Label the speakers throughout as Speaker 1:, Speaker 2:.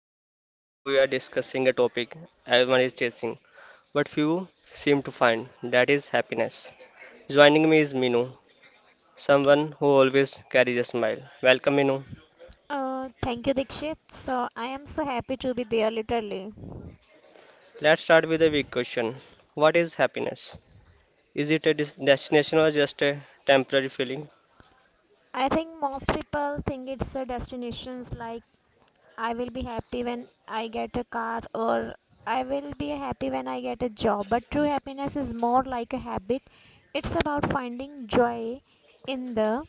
Speaker 1: show. Today we are discussing a topic everyone is chasing, but few seem to find that is happiness. Joining me is Minu, someone who always carries a smile. Welcome, Minu.
Speaker 2: Thank you, Dikshit. So, I am so happy to be there, literally.
Speaker 1: Let's start with a big question. What is happiness? Is it a destination or just a temporary feeling?
Speaker 2: I think most people think it's a destinations like I will be happy when I get a car or I will be happy when I get a job. But true happiness is more like a habit. It's about finding joy in the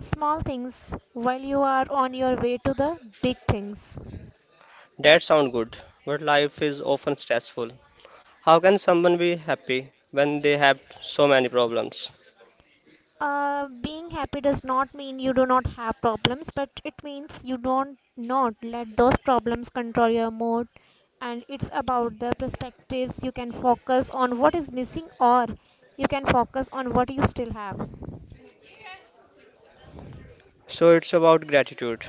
Speaker 2: small things while you are on your way to the big things.
Speaker 1: That sounds good, but life is often stressful. How can someone be happy when they have so many problems?
Speaker 2: Being happy does not mean you do not have problems, but it means you don't not let those problems control your mood. And it's about the perspectives. You can focus on what is missing, or you can focus on what you still have.
Speaker 1: So it's about gratitude.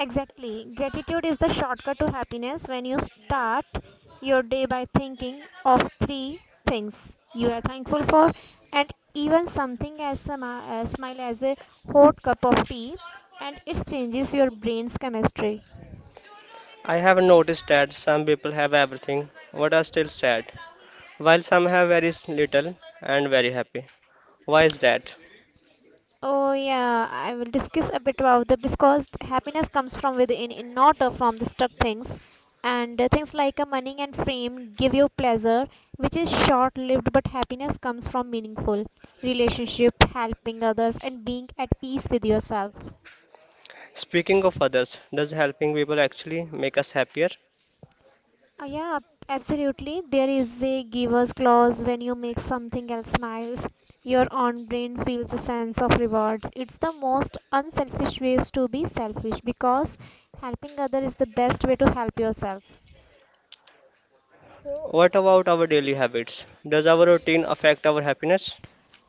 Speaker 2: Exactly. Gratitude is the shortcut to happiness when you start your day by thinking of three things you are thankful for and even something as small as a hot cup of tea and it changes your brain's chemistry.
Speaker 1: I have noticed that some people have everything but are still sad, while some have very little and very happy. Why is that?
Speaker 2: Oh yeah, I will discuss a bit about that because happiness comes from within, in not from the stuck things. And things like money and fame give you pleasure, which is short lived, but happiness comes from meaningful relationship, helping others, and being at peace with yourself.
Speaker 1: Speaking of others, does helping people actually make us happier?
Speaker 2: Yeah, absolutely. There is a giver's clause when you make something else smiles. Your own brain feels a sense of rewards. It's the most unselfish ways to be selfish because helping other is the best way to help yourself.
Speaker 1: What about our daily habits? Does our routine affect our happiness?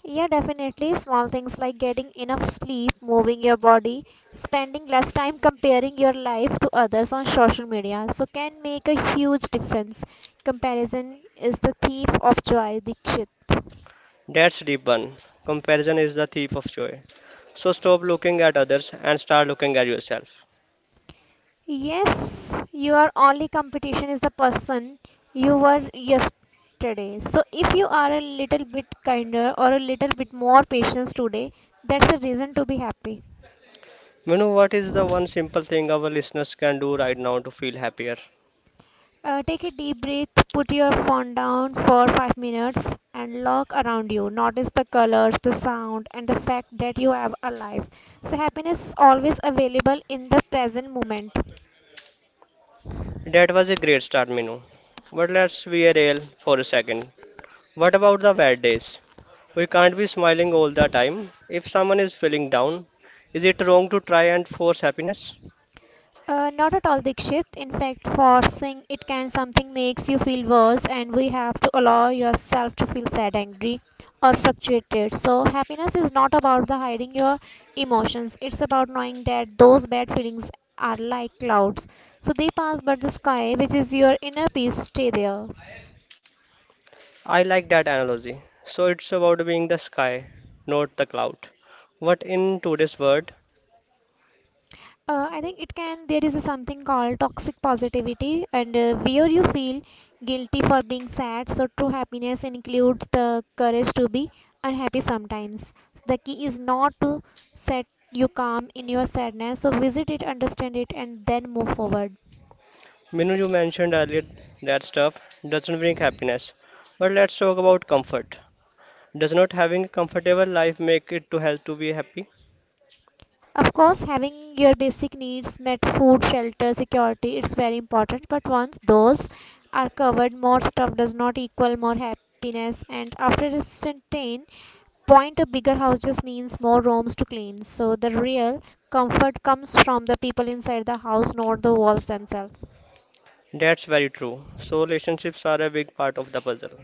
Speaker 2: Yeah, definitely. Small things like getting enough sleep, moving your body, spending less time comparing your life to others on social media so can make a huge difference. Comparison is the thief of joy, Dikshit.
Speaker 1: That's deep one. Comparison is the thief of joy. So stop looking at others and start looking at yourself.
Speaker 2: Yes, your only competition is the person you were yesterday. So if you are a little bit kinder or a little bit more patient today, that's a reason to be happy.
Speaker 1: You know what is the one simple thing our listeners can do right now to feel happier?
Speaker 2: Take a deep breath, put your phone down for 5 minutes and look around you. Notice the colors, the sound and the fact that you are alive. So happiness is always available in the present moment.
Speaker 1: That was a great start, Minu. But let's be real for a second. What about the bad days? We can't be smiling all the time. If someone is feeling down, is it wrong to try and force happiness?
Speaker 2: Not at all, Dikshit. In fact, forcing it can something makes you feel worse, and we have to allow yourself to feel sad, angry, or frustrated. So, happiness is not about the hiding your emotions. It's about knowing that those bad feelings are like clouds. So they pass, but the sky, which is your inner peace, stay there.
Speaker 1: I like that analogy. So it's about being the sky, not the cloud. What in today's world,
Speaker 2: I think it can. There is a something called toxic positivity, and where you feel guilty for being sad. So true happiness includes the courage to be unhappy sometimes. The key is not to set you calm in your sadness. So visit it, understand it, and then move forward.
Speaker 1: Minu, you mentioned earlier that stuff doesn't bring happiness. But let's talk about comfort. Does not having a comfortable life make it to help to be happy?
Speaker 2: Of course, having your basic needs met, food, shelter, security, it's very important. But once those are covered, more stuff does not equal more happiness. And after a certain point a bigger house just means more rooms to clean so the real comfort comes from the people inside the house not the walls themselves.
Speaker 1: That's very true. So relationships are a big part of the puzzle.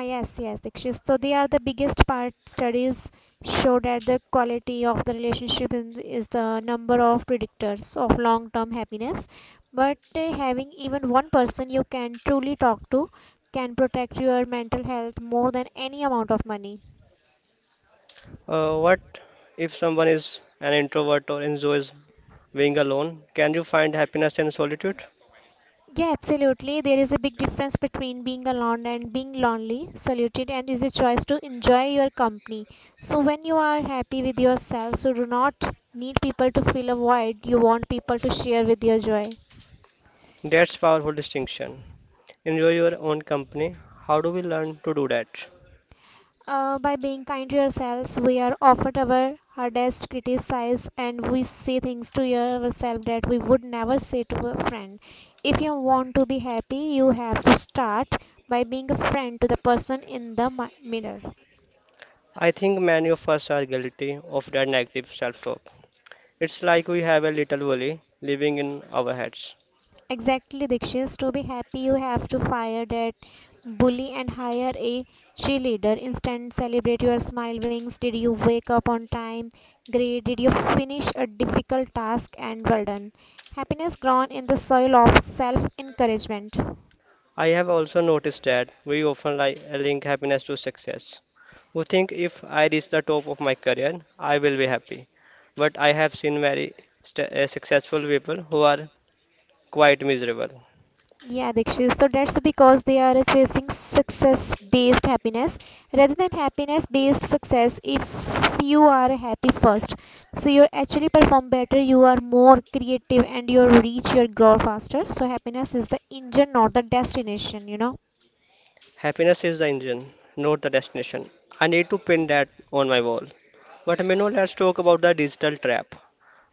Speaker 2: Ah, yes, Dikshit. So they are the biggest part. Studies show that the quality of the relationship in is the number of predictors of long-term happiness. But having even one person you can truly talk to can protect your mental health more than any amount of money.
Speaker 1: What if someone is an introvert or enjoys being alone? Can you find happiness in solitude?
Speaker 2: Yeah, absolutely. There is a big difference between being alone and being lonely, Saluted, and is a choice to enjoy your company. So, when you are happy with yourself, so do not need people to fill a void. You want people to share with your joy.
Speaker 1: That's powerful distinction. Enjoy your own company. How do we learn to do that?
Speaker 2: By being kind to ourselves, we are offered our hardest criticize and we say things to yourself that we would never say to a friend. If you want to be happy, you have to start by being a friend to the person in the mirror.
Speaker 1: I think many of us are guilty of that negative self-talk. It's like we have a little bully living in our heads.
Speaker 2: Exactly, Dikshit. To be happy, you have to fire that bully and hire a cheerleader. Instead, celebrate your smile wings. Did you wake up on time? Great. Did you finish a difficult task? And well done. Happiness grown in the soil of self encouragement.
Speaker 1: I have also noticed that we often link happiness to success. We think if I reach the top of my career, I will be happy. But I have seen very successful people who are quite miserable.
Speaker 2: Yeah, Dikshu. So that's because they are chasing success based happiness rather than happiness based success. If you are happy first, so you actually perform better, you are more creative, and you reach your goal faster. So happiness is the engine, not the destination.
Speaker 1: Happiness is the engine, not the destination. I need to pin that on my wall. But Minu, let's talk about the digital trap.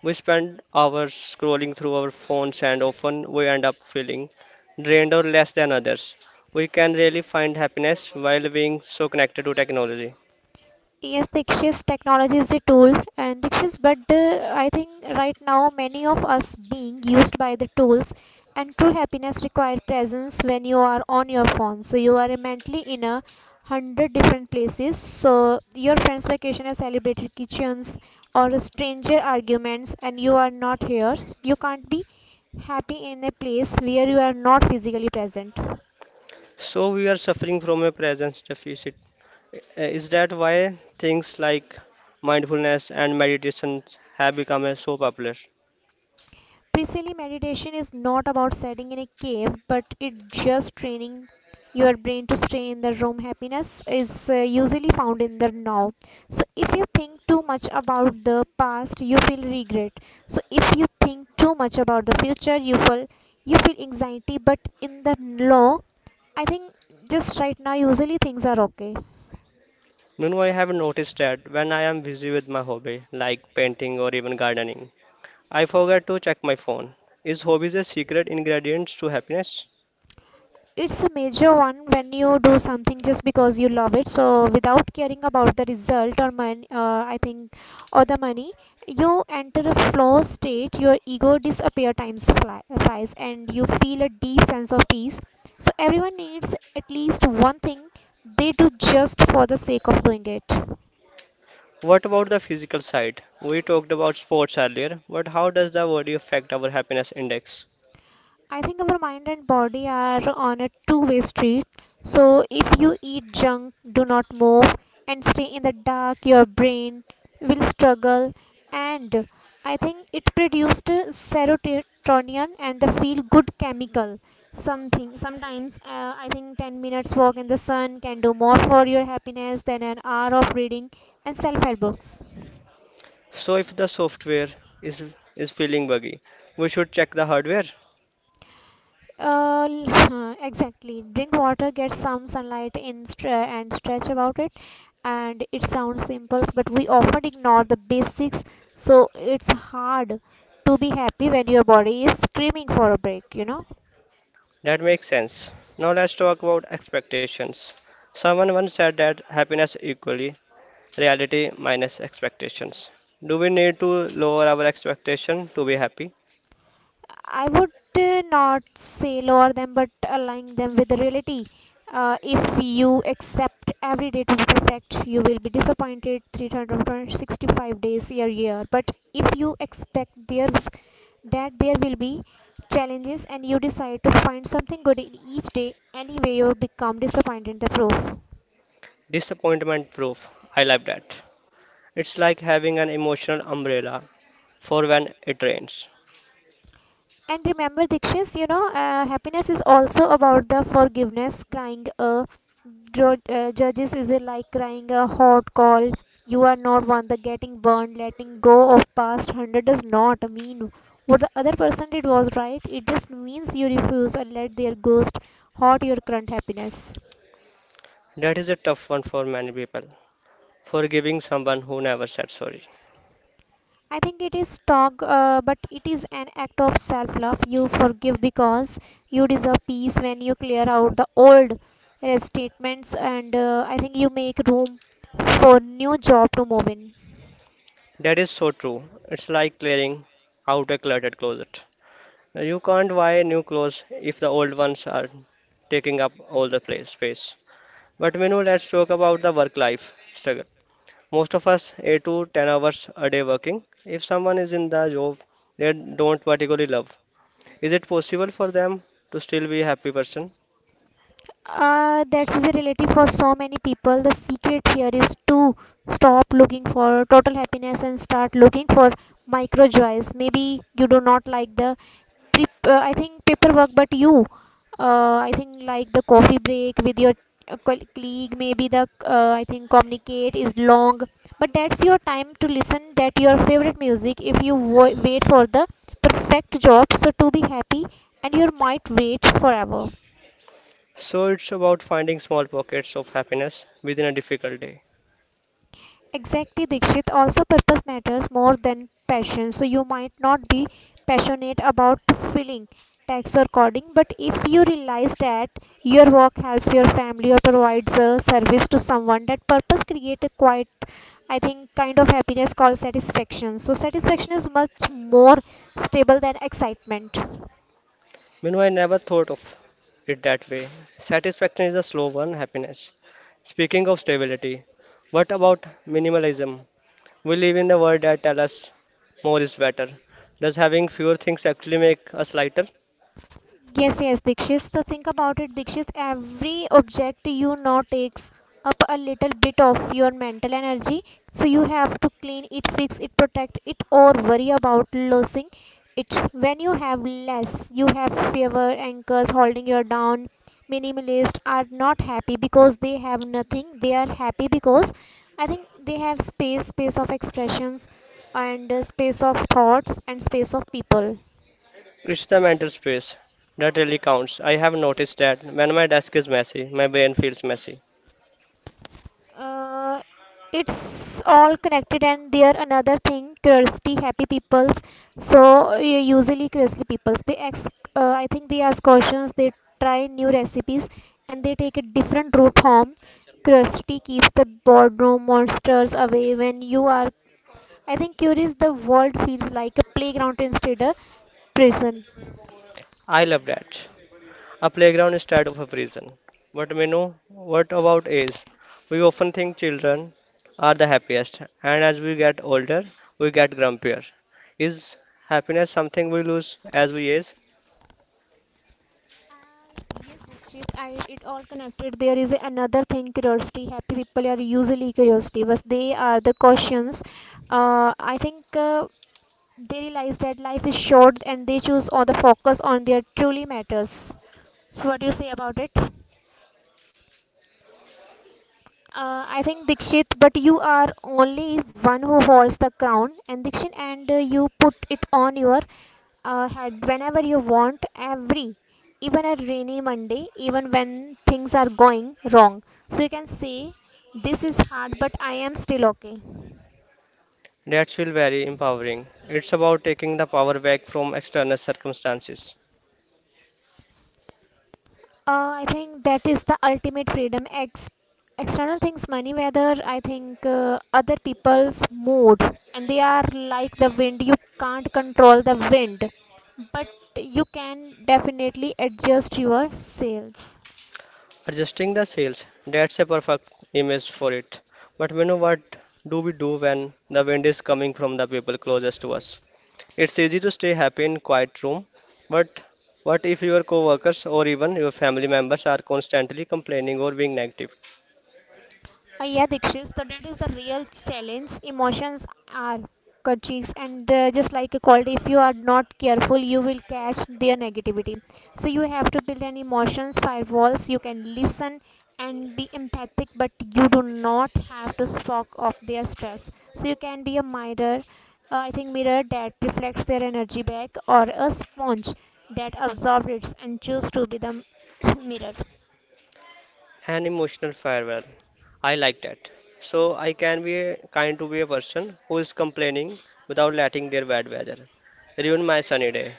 Speaker 1: We spend hours scrolling through our phones and often we end up feeling drained or less than others. We can really find happiness while being so connected to technology.
Speaker 2: Yes, Dikshit's technology is a tool, and Dikshit, but I think right now many of us being used by the tools, and true happiness require presence when you are on your phone. So you are mentally in a hundred different places. So your friend's vacation is celebrated kitchens or a stranger arguments, and you are not here. You can't be happy in a place where you are not physically present.
Speaker 1: So we are suffering from a presence deficit. Is that why things like mindfulness and meditation have become so popular?
Speaker 2: Basically, meditation is not about sitting in a cave, but it just training your brain to stay in the room. Happiness is usually found in the now. So, if you think too much about the past, you feel regret. So, if you think too much about the future, you feel anxiety. But in the now, I think just right now, usually things are okay.
Speaker 1: Minu, I have noticed that when I am busy with my hobby, like painting or even gardening, I forgot to check my phone. Is hobbies a secret ingredient to happiness?
Speaker 2: It's a major one when you do something just because you love it so without caring about the result or money I think or the money you enter a flow state, your ego disappear, times flies and you feel a deep sense of peace. So everyone needs at least one thing they do just for the sake of doing it.
Speaker 1: What about the physical side? We talked about sports earlier, but how does the body affect our happiness index?
Speaker 2: I think our mind and body are on a two-way street. So if you eat junk, do not move, and stay in the dark, your brain will struggle. And I think it produced serotonin and the feel good chemical. Something sometimes I think 10 minutes walk in the sun can do more for your happiness than an hour of reading and self help books.
Speaker 1: So if the software is is feeling buggy, we should check the hardware.
Speaker 2: Uh, l- exactly. Drink water, get some sunlight in and stretch about it. And it sounds simple, but we often ignore the basics, so it's hard to be happy when your body is screaming for a break, you know?
Speaker 1: That makes sense. Now let's talk about expectations. Someone once said that happiness equally reality minus expectations. Do we need to lower our expectation to be happy?
Speaker 2: I would not say lower them, but align them with the reality. If you accept every day to be perfect, you will be disappointed 365 days a year. But if you expect there that there will be challenges and you decide to find something good in each day anyway you become disappointed in the proof.
Speaker 1: Disappointment proof. I love that. It's like having an emotional umbrella for when it rains.
Speaker 2: And remember, Dikshis, you know, happiness is also about the forgiveness. Crying a judges is like crying a hot call. You are not one the getting burned. Letting go of past hundred does not mean what the other person did was right. It just means you refuse and let their ghost haunt your current happiness.
Speaker 1: That is a tough one for many people. Forgiving someone who never said sorry.
Speaker 2: I think it is strong, but it is an act of self love. You forgive because you deserve peace when you clear out the old statements, and I think you make room for new job to move in.
Speaker 1: That is so true. It's like clearing out a cluttered closet. You can't buy new clothes if the old ones are taking up all the place space. But Minu, let's talk about the work-life struggle. Most of us 8 to 10 hours a day working. If someone is in the job they don't particularly love, is it possible for them to still be a happy person?
Speaker 2: That's a relative for so many people. The secret here is to stop looking for total happiness and start looking for micro joys. Maybe you do not like the I think paperwork, but you, I think like the coffee break with your colleague, maybe the I think communicate is long, but that's your time to listen that your favorite music. If you wait for the perfect job, so to be happy, and you might wait forever.
Speaker 1: So it's about finding small pockets of happiness within a difficult day.
Speaker 2: Exactly, Dikshit. Also, purpose matters more than passion. So, you might not be passionate about filling tax or coding, but if you realize that your work helps your family or provides a service to someone, that purpose creates a quite, I think, kind of happiness called satisfaction. So, satisfaction is much more stable than excitement.
Speaker 1: Meanwhile, I never thought of it that way. Satisfaction is a slow one, happiness. Speaking of stability, what about minimalism? We live in a world that tells us more is better. Does having fewer things actually make us lighter?
Speaker 2: Yes, Dikshit. So think about it, Dikshit. Every object you know takes up a little bit of your mental energy. So you have to clean it, fix it, protect it, or worry about losing it. When you have less, you have fewer anchors holding you down. Minimalists are not happy because they have nothing. They are happy because I think they have space, space of expressions, and space of thoughts, and space of people.
Speaker 1: It's the mental space that really counts. I have noticed that when my desk is messy, my brain feels messy.
Speaker 2: uh, it's all connected and there another thing curiosity happy peoples so usually curiosity peoples they ask I think they ask questions, they try new recipes and they take a different route home. Curiosity keeps the boardroom monsters away. When you are I think curious the world feels like a playground instead a prison.
Speaker 1: I love that. A playground instead of a prison. But Menu, what about is we often think children are the happiest, and as we get older, we get grumpier. Is happiness something we lose as we age?
Speaker 2: Yes, Dikshit, I, it all connected. There is another thing, curiosity. Happy people are usually curiosity, but they are the cautions. I think they realize that life is short and they choose on the focus on their truly matters. So, what do you say about it? I think Dikshit, but you are only one who holds the crown, and Dikshit, and you put it on your head whenever you want, every, even a rainy Monday, even when things are going wrong. So you can say, this is hard, but I am still okay.
Speaker 1: That's feel very empowering. It's about taking the power back from external circumstances.
Speaker 2: I think that is the ultimate freedom. External things, money, weather, I think other people's mood, and they are like the wind. You can't control the wind, but you can definitely adjust your sails.
Speaker 1: Adjusting the sails, that's a perfect image for it. But we know what do we do when the wind is coming from the people closest to us? It's easy to stay happy in quiet room, but what if your coworkers or even your family members are constantly complaining or being negative?
Speaker 2: Yeah, Dikshit. So that is the real challenge. Emotions are kerchiefs, and just like a cold, if you are not careful, you will catch their negativity. So you have to build an emotions firewalls. You can listen and be empathic, but you do not have to spock off their stress. So you can be a mirror. I think mirror that reflects their energy back, or a sponge that absorbs it and choose to be the mirror.
Speaker 1: An emotional farewell. I like that. So I can be kind to be a person who is complaining without letting their bad weather ruin my sunny day.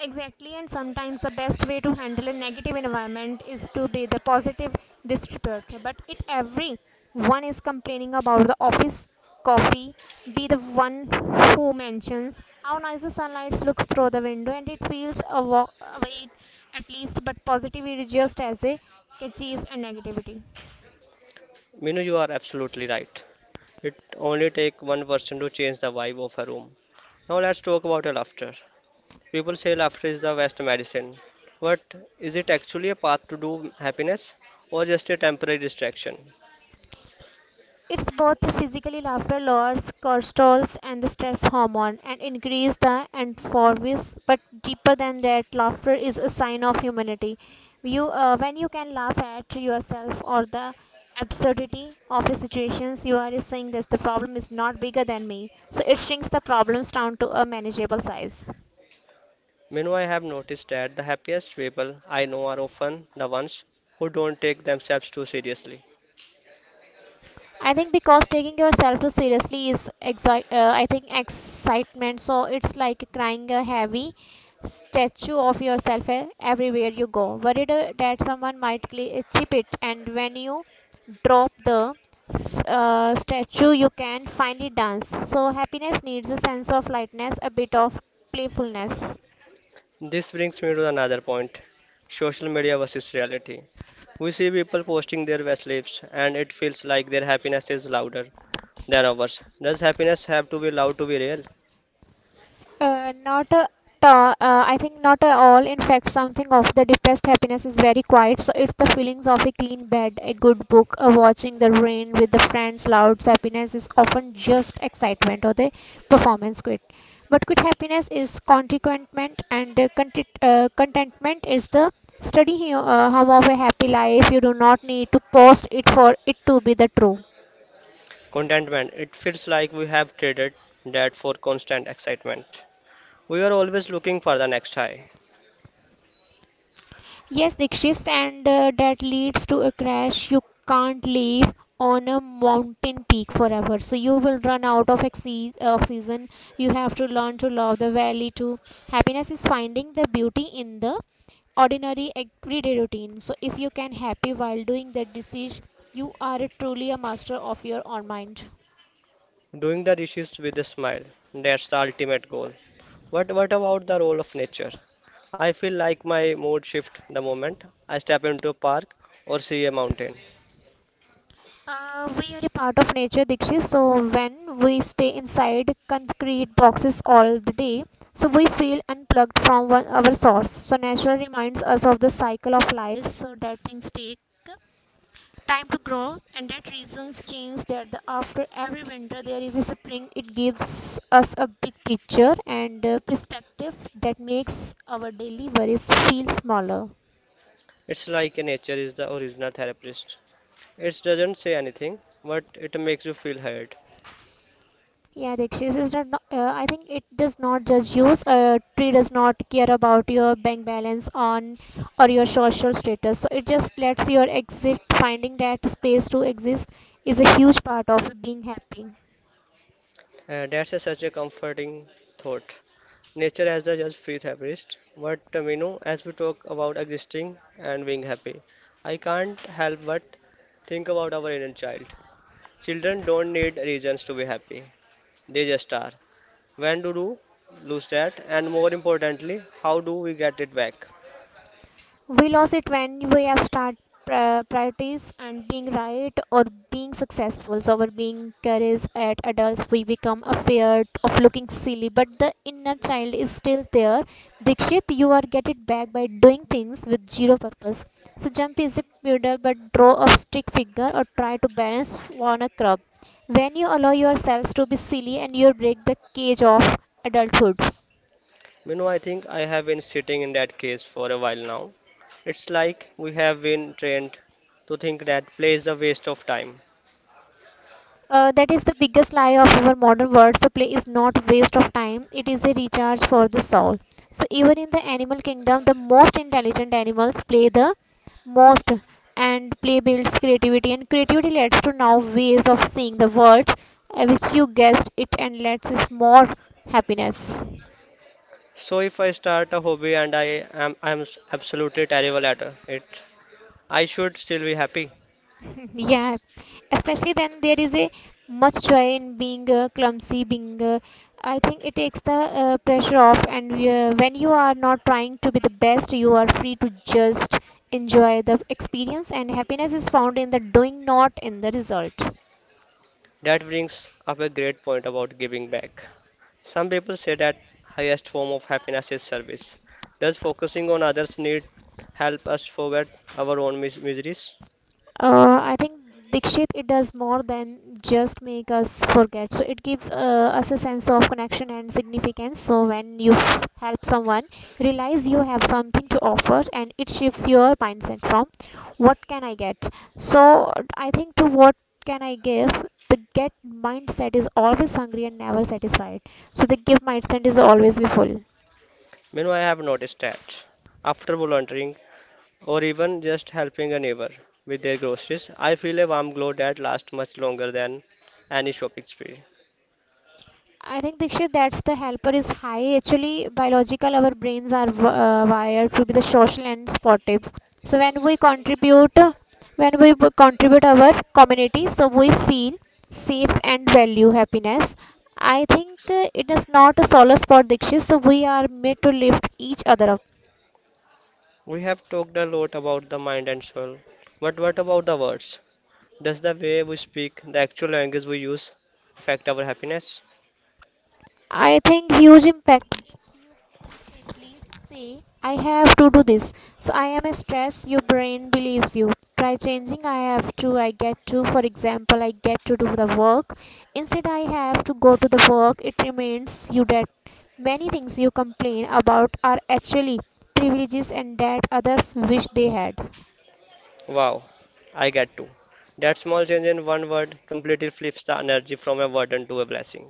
Speaker 2: Exactly, and sometimes the best way to handle a negative environment is to be the positive distributor. But if every one is complaining about the office coffee, be the one who mentions how nice the sunlight looks through the window and it feels a away at least. But positivity just as a catches and negativity.
Speaker 1: Minu, you are absolutely right. It only takes one person to change the vibe of a room. Now let's talk about a laughter. People say laughter is the best medicine, but is it actually a path to do happiness or just a temporary distraction?
Speaker 2: It's both the physically laughter lowers cortisols and the stress hormone and increase the endorphins. But deeper than that, laughter is a sign of humanity. When you can laugh at yourself or the absurdity of the situations, you are saying that the problem is not bigger than me. So it shrinks the problems down to a manageable size.
Speaker 1: Meanwhile, I have noticed that the happiest people I know are often the ones who don't take themselves too seriously.
Speaker 2: I think because taking yourself too seriously is exi- I think excitement. So it's like crying a heavy statue of yourself everywhere you go, worried that someone might chip it. And when you drop the statue, you can finally dance. So happiness needs a sense of lightness, a bit of playfulness.
Speaker 1: This brings me to another point social media versus reality. We see people posting their best lives, and it feels like their happiness is louder than ours. Does happiness have to be loud to be real?
Speaker 2: Not a ta- I think not at all. In fact, something of the deepest happiness is very quiet. So it's the feelings of a clean bed, a good book, watching the rain with the friends. Loud happiness is often just excitement or the performance quit. But quit happiness is consequentment, and contentment is the study here, hum of a happy life. You do not need to post it for it to be the true.
Speaker 1: Contentment, it feels like we have traded that for constant excitement. We are always looking for the next high,
Speaker 2: Yes, Dikshit, and that leads to a crash. You can't live on a mountain peak forever. So you will run out of oxygen. You have to learn to love the valley too. Happiness is finding the beauty in the ordinary everyday routine. So if you can happy while doing that disease, you are truly a master of your own mind.
Speaker 1: doing the dishes with a smile. That's the ultimate goal. But what about the role of nature? I feel like my mood shifts the moment I step into a park or see a mountain.
Speaker 2: We are a part of nature, Dikshit. So when we stay inside concrete boxes all the day, so we feel unplugged from one, our source. So nature reminds us of the cycle of life, so that things take time to grow, and that reasons change. That the, after every winter there is a spring. It gives us a big picture and perspective that makes our daily worries feel smaller.
Speaker 1: It's like nature is the original therapist. It doesn't say anything, but it makes you feel heard.
Speaker 2: Yeah, the exchanges are not. I think it does not just use. Tree does not care about your bank balance on or your social status. So it just lets your exit. Finding that space to exist is a huge part of being happy.
Speaker 1: That's such a comforting thought. Nature as the just free therapist, but you know, as we talk about existing and being happy, I can't help but think about our inner child. Children don't need reasons to be happy. They just are. When do you lose that? And more importantly, how do we get it back?
Speaker 2: We lose it when we have start priorities and being right or being successful so our being carries at adults we become afraid of looking silly, but the inner child is still there, Dikshit. You are get it back by doing things with zero purpose. So jump is a puddle, but draw a stick figure or try to balance on a crab. When you allow yourselves to be silly and you break the cage of adulthood.
Speaker 1: You know, I think I have been sitting in that case for a while now. It's like we have been trained to think that play is a waste of time.
Speaker 2: That is the biggest lie of our modern world. So play is not waste of time; it is a recharge for the soul. So even in the animal kingdom, the most intelligent animals play the most, and play builds creativity, and creativity leads to now ways of seeing the world, which you guessed it, and leads us more happiness.
Speaker 1: So if I start a hobby and I'm absolutely terrible at it, I should still be happy.
Speaker 2: Yeah, especially then there is a much joy in being clumsy being I think It takes the pressure off, and when you are not trying to be the best, you are free to just enjoy the experience, and happiness is found in the doing, not in the result.
Speaker 1: That brings up a great point about giving back. Some people say that highest form of happiness is service. Does focusing on others' need help us forget our own miseries?
Speaker 2: I think Dikshit, it does more than just make us forget. So it gives us a sense of connection and significance. So when you help someone, realize you have something to offer, and it shifts your mindset from "What can I get?" So I think to "What can I give?" The get mindset is always hungry and never satisfied. So the give mindset is always be full.
Speaker 1: You know, I have noticed that after volunteering or even just helping a neighbor with their groceries, I feel a warm glow that lasts much longer than any shopping spree.
Speaker 2: I think Dikshit, that's the helper is high. Actually, biological, our brains are wired to be the social and sportives. So when we contribute, when we contribute our community, so we feel safe and value happiness. I think it is not a solo sport, Dikshit. So we are made to lift each other up.
Speaker 1: We have talked a lot about the mind and soul, but what about the words? Does the way we speak, the actual language we use, affect our happiness?
Speaker 2: I think huge impact if you constantly say, I have to do this. So I am stressed, your brain believes you. Try changing, I have to, I get to. For example, I get to do the work. Instead, I have to go to the work. It reminds you that many things you complain about are actually privileges and that others wish they had.
Speaker 1: Wow, I get to. That small change in one word completely flips the energy from a burden to a blessing.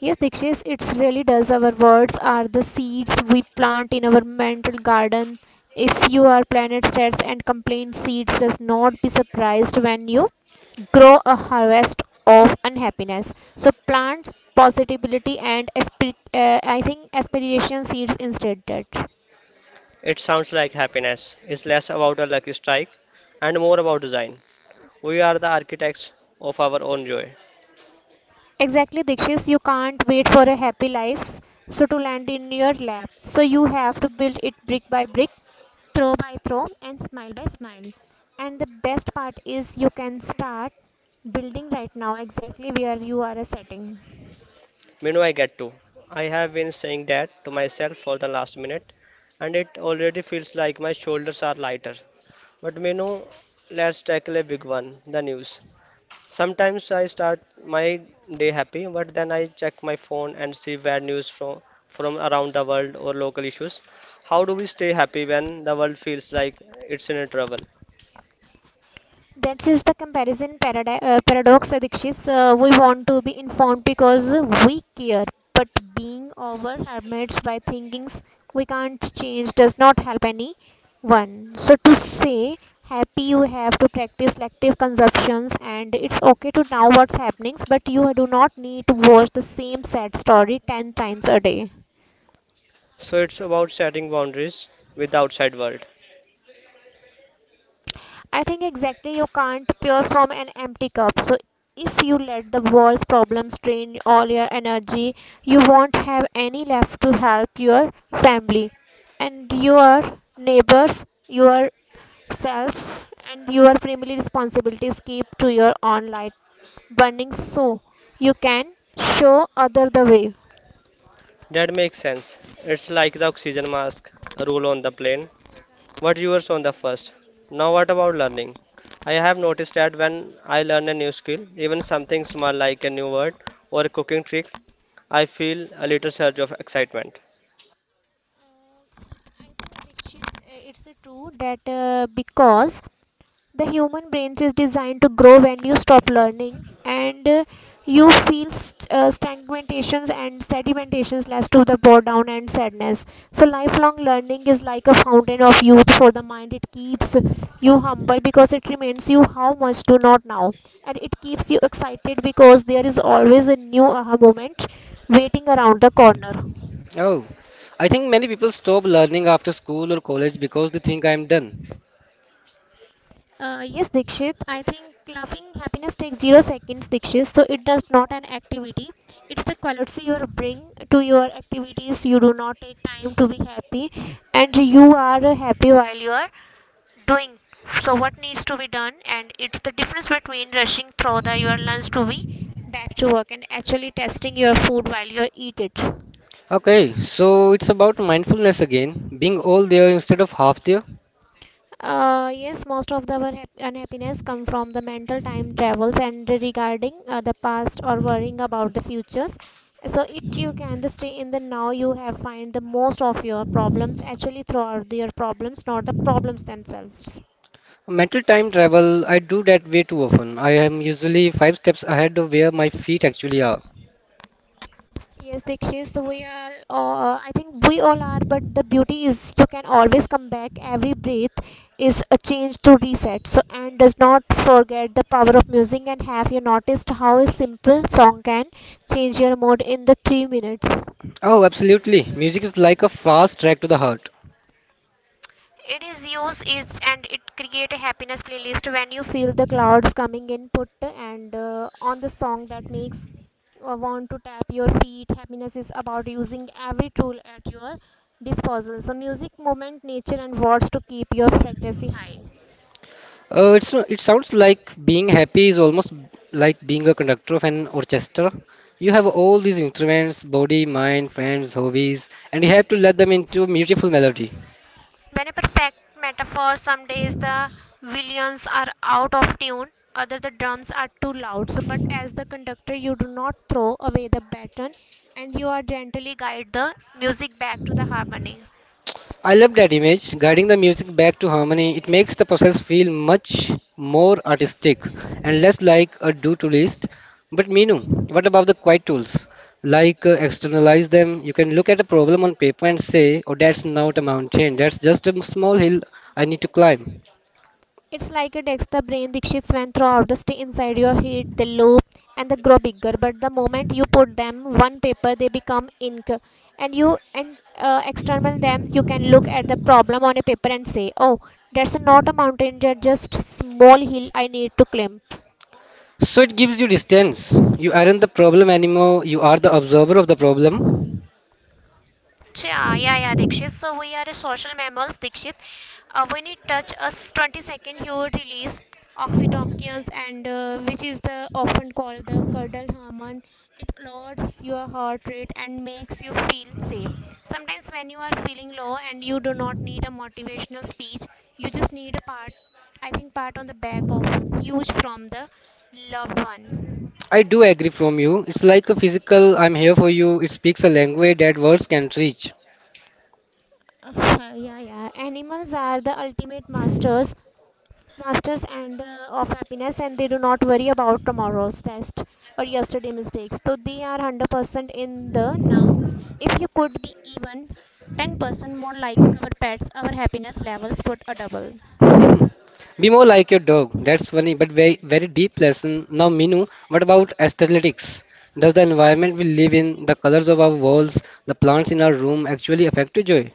Speaker 2: Yes, Dikshit, it really does. Our words are the seeds we plant in our mental garden. If you are planet stressed and complain seeds, does not be surprised when you grow a harvest of unhappiness. So plant positivity and aspir- I think aspiration seeds instead. That.
Speaker 1: It sounds like happiness is less about a lucky strike and more about design. We are the architects of our own joy.
Speaker 2: Exactly, Dikshit. You can't wait for a happy life so to land in your lap. So you have to build it brick by brick, throw by throw and smile by smile, and the best part is you can start building right now exactly where you are setting.
Speaker 1: Minu, I get to. I have been saying that to myself for the last minute, and it already feels like my shoulders are lighter. But Minu, let's tackle a big one, the news. Sometimes I start my day happy, but then I check my phone and see bad news from around the world or local issues. How do we stay happy when the world feels like it's in a trouble?
Speaker 2: That is the comparison paradox Adikshis. We want to be informed because we care, but being over hermits by thinkings we can't change does not help anyone. So to say happy you have to practice selective consumptions, and it's okay to know what's happening, but you do not need to watch the same sad story 10 times a day.
Speaker 1: So it's about setting boundaries with the outside world.
Speaker 2: I think exactly you can't pour from an empty cup. So if you let the world's problems drain all your energy, you won't have any left to help your family and your neighbors, yourselves and your primary responsibilities. Keep to your own light burning so you can show other the way.
Speaker 1: That makes sense. It's like the oxygen mask rule on the plane. What yours on the first? Now what about learning? I have noticed that when I learn a new skill, even something small like a new word or a cooking trick, I feel a little surge of excitement.
Speaker 2: I think Dikshit, it's true that because the human brain is designed to grow when you stop learning, and you feel stagnations, and sedimentations leads to the boredom and sadness. So lifelong learning is like a fountain of youth for the mind. It keeps you humble because it reminds you how much do not know, and it keeps you excited because there is always a new aha moment waiting around the corner.
Speaker 1: Oh, I think many people stop learning after school or college because they think I'm done.
Speaker 2: Yes, Dikshit. I think laughing happiness takes 0 seconds, Dikshit. So it does not an activity. It's the quality you bring to your activities. You do not take time to be happy, and you are happy while you are doing. So what needs to be done, and it's the difference between rushing through the your lunch to be back to work and actually testing your food while you eat it.
Speaker 1: Okay, so it's about mindfulness again, being all there instead of half there.
Speaker 2: Yes, most of the our unhappiness come from the mental time travels and regarding the past or worrying about the futures. So it you can the stay in the now you have find the most of your problems actually throughout your problems, not the problems themselves.
Speaker 1: Mental time travel, I do that way too often. I am usually five steps ahead of where my feet actually are.
Speaker 2: Yes, Dikshit, so we are, I think we all are, but the beauty is you can always come back. Every breath is a change to reset. So, and does not forget the power of music. And have you noticed how a simple song can change your mood in the 3 minutes?
Speaker 1: Oh, absolutely. Music is like a fast track to the heart.
Speaker 2: It is used is and it create a happiness playlist when you feel the clouds coming in. Put and on the song that makes want to tap your feet. Happiness is about using every tool at your disposal. So music, movement, nature, and words to keep your frequency high.
Speaker 1: It's no, It sounds like being happy is almost like being a conductor of an orchestra. You have all these instruments, body, mind, friends, hobbies, and you have to let them into a beautiful melody.
Speaker 2: When a perfect metaphor some days the violins are out of tune, other the drums are too loud. So, but as the conductor, you do not throw away the baton, and you are gently guide the music back to the harmony.
Speaker 1: I love that image, guiding the music back to harmony. It makes the process feel much more artistic and less like a do-to list. But Meenu, what about the quiet tools? Like externalize them. You can look at a problem on paper and say, "Oh, that's not a mountain. That's just a small hill I need to climb."
Speaker 2: It's like a text the brain Dikshit's went throughout the stay inside your head, they loop and they grow bigger. But the moment you put them one paper, they become ink. And you and external them, you can look at the problem on a paper and say, "Oh, that's not a mountain, that's just small hill I need to climb."
Speaker 1: So it gives you distance. You aren't the problem anymore, you are the observer of the problem.
Speaker 2: Yeah, yeah, yeah, Dikshit. So we are a social mammals, Dikshit. When it touch us 20 second, you release oxytocins, and which is the often called the cuddle hormone. It lowers your heart rate and makes you feel safe. Sometimes when you are feeling low and you do not need a motivational speech, you just need a part. I think part on the back of huge from the loved one.
Speaker 1: I do agree from you. It's like a physical I'm here for you. It speaks a language that words can't reach.
Speaker 2: Yeah, yeah. Animals are the ultimate masters. Masters and of happiness, and they do not worry about tomorrow's test or yesterday mistakes, so they are 100% in the now. If you could be even 10% more like our pets, our happiness levels would a double.
Speaker 1: Be more like your dog. That's funny, but very very deep lesson. Now, Minu, what about aesthetics? Does the environment we live in, the colors of our walls, the plants in our room actually affect your joy?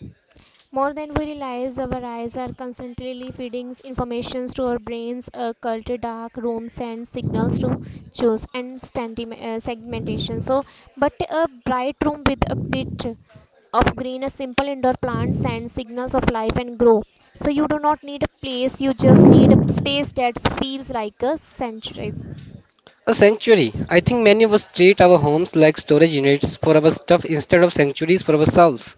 Speaker 2: More than we realize, our eyes are constantly feeding informations to our brains, occult, dark rooms, and signals to choose and segmentation. So, but a bright room with a bit of green, a simple indoor plant sends signals of life and grow. So you do not need a place, you just need a space that feels like a sanctuary.
Speaker 1: A sanctuary. I think many of us treat our homes like storage units for our stuff instead of sanctuaries for our souls.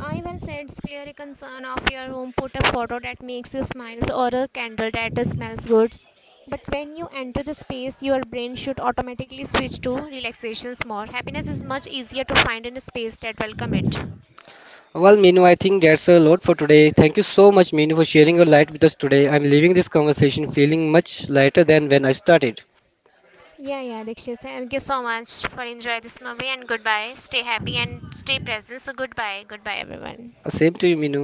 Speaker 2: I will said, it's clearly concern of your home, put a photo that makes you smile or a candle that smells good. But when you enter the space, your brain should automatically switch to relaxations more. Happiness is much easier to find in a space that welcome it.
Speaker 1: Well, Minu, I think that's a lot for today. Thank you so much, Minu, for sharing your light with us today. I'm leaving this conversation feeling much lighter than when I started.
Speaker 2: Yeah, yeah, Dikshit. Thank you so much for enjoy this movie and goodbye. Stay happy and stay present. So goodbye, goodbye everyone.
Speaker 1: Same to you, Minu.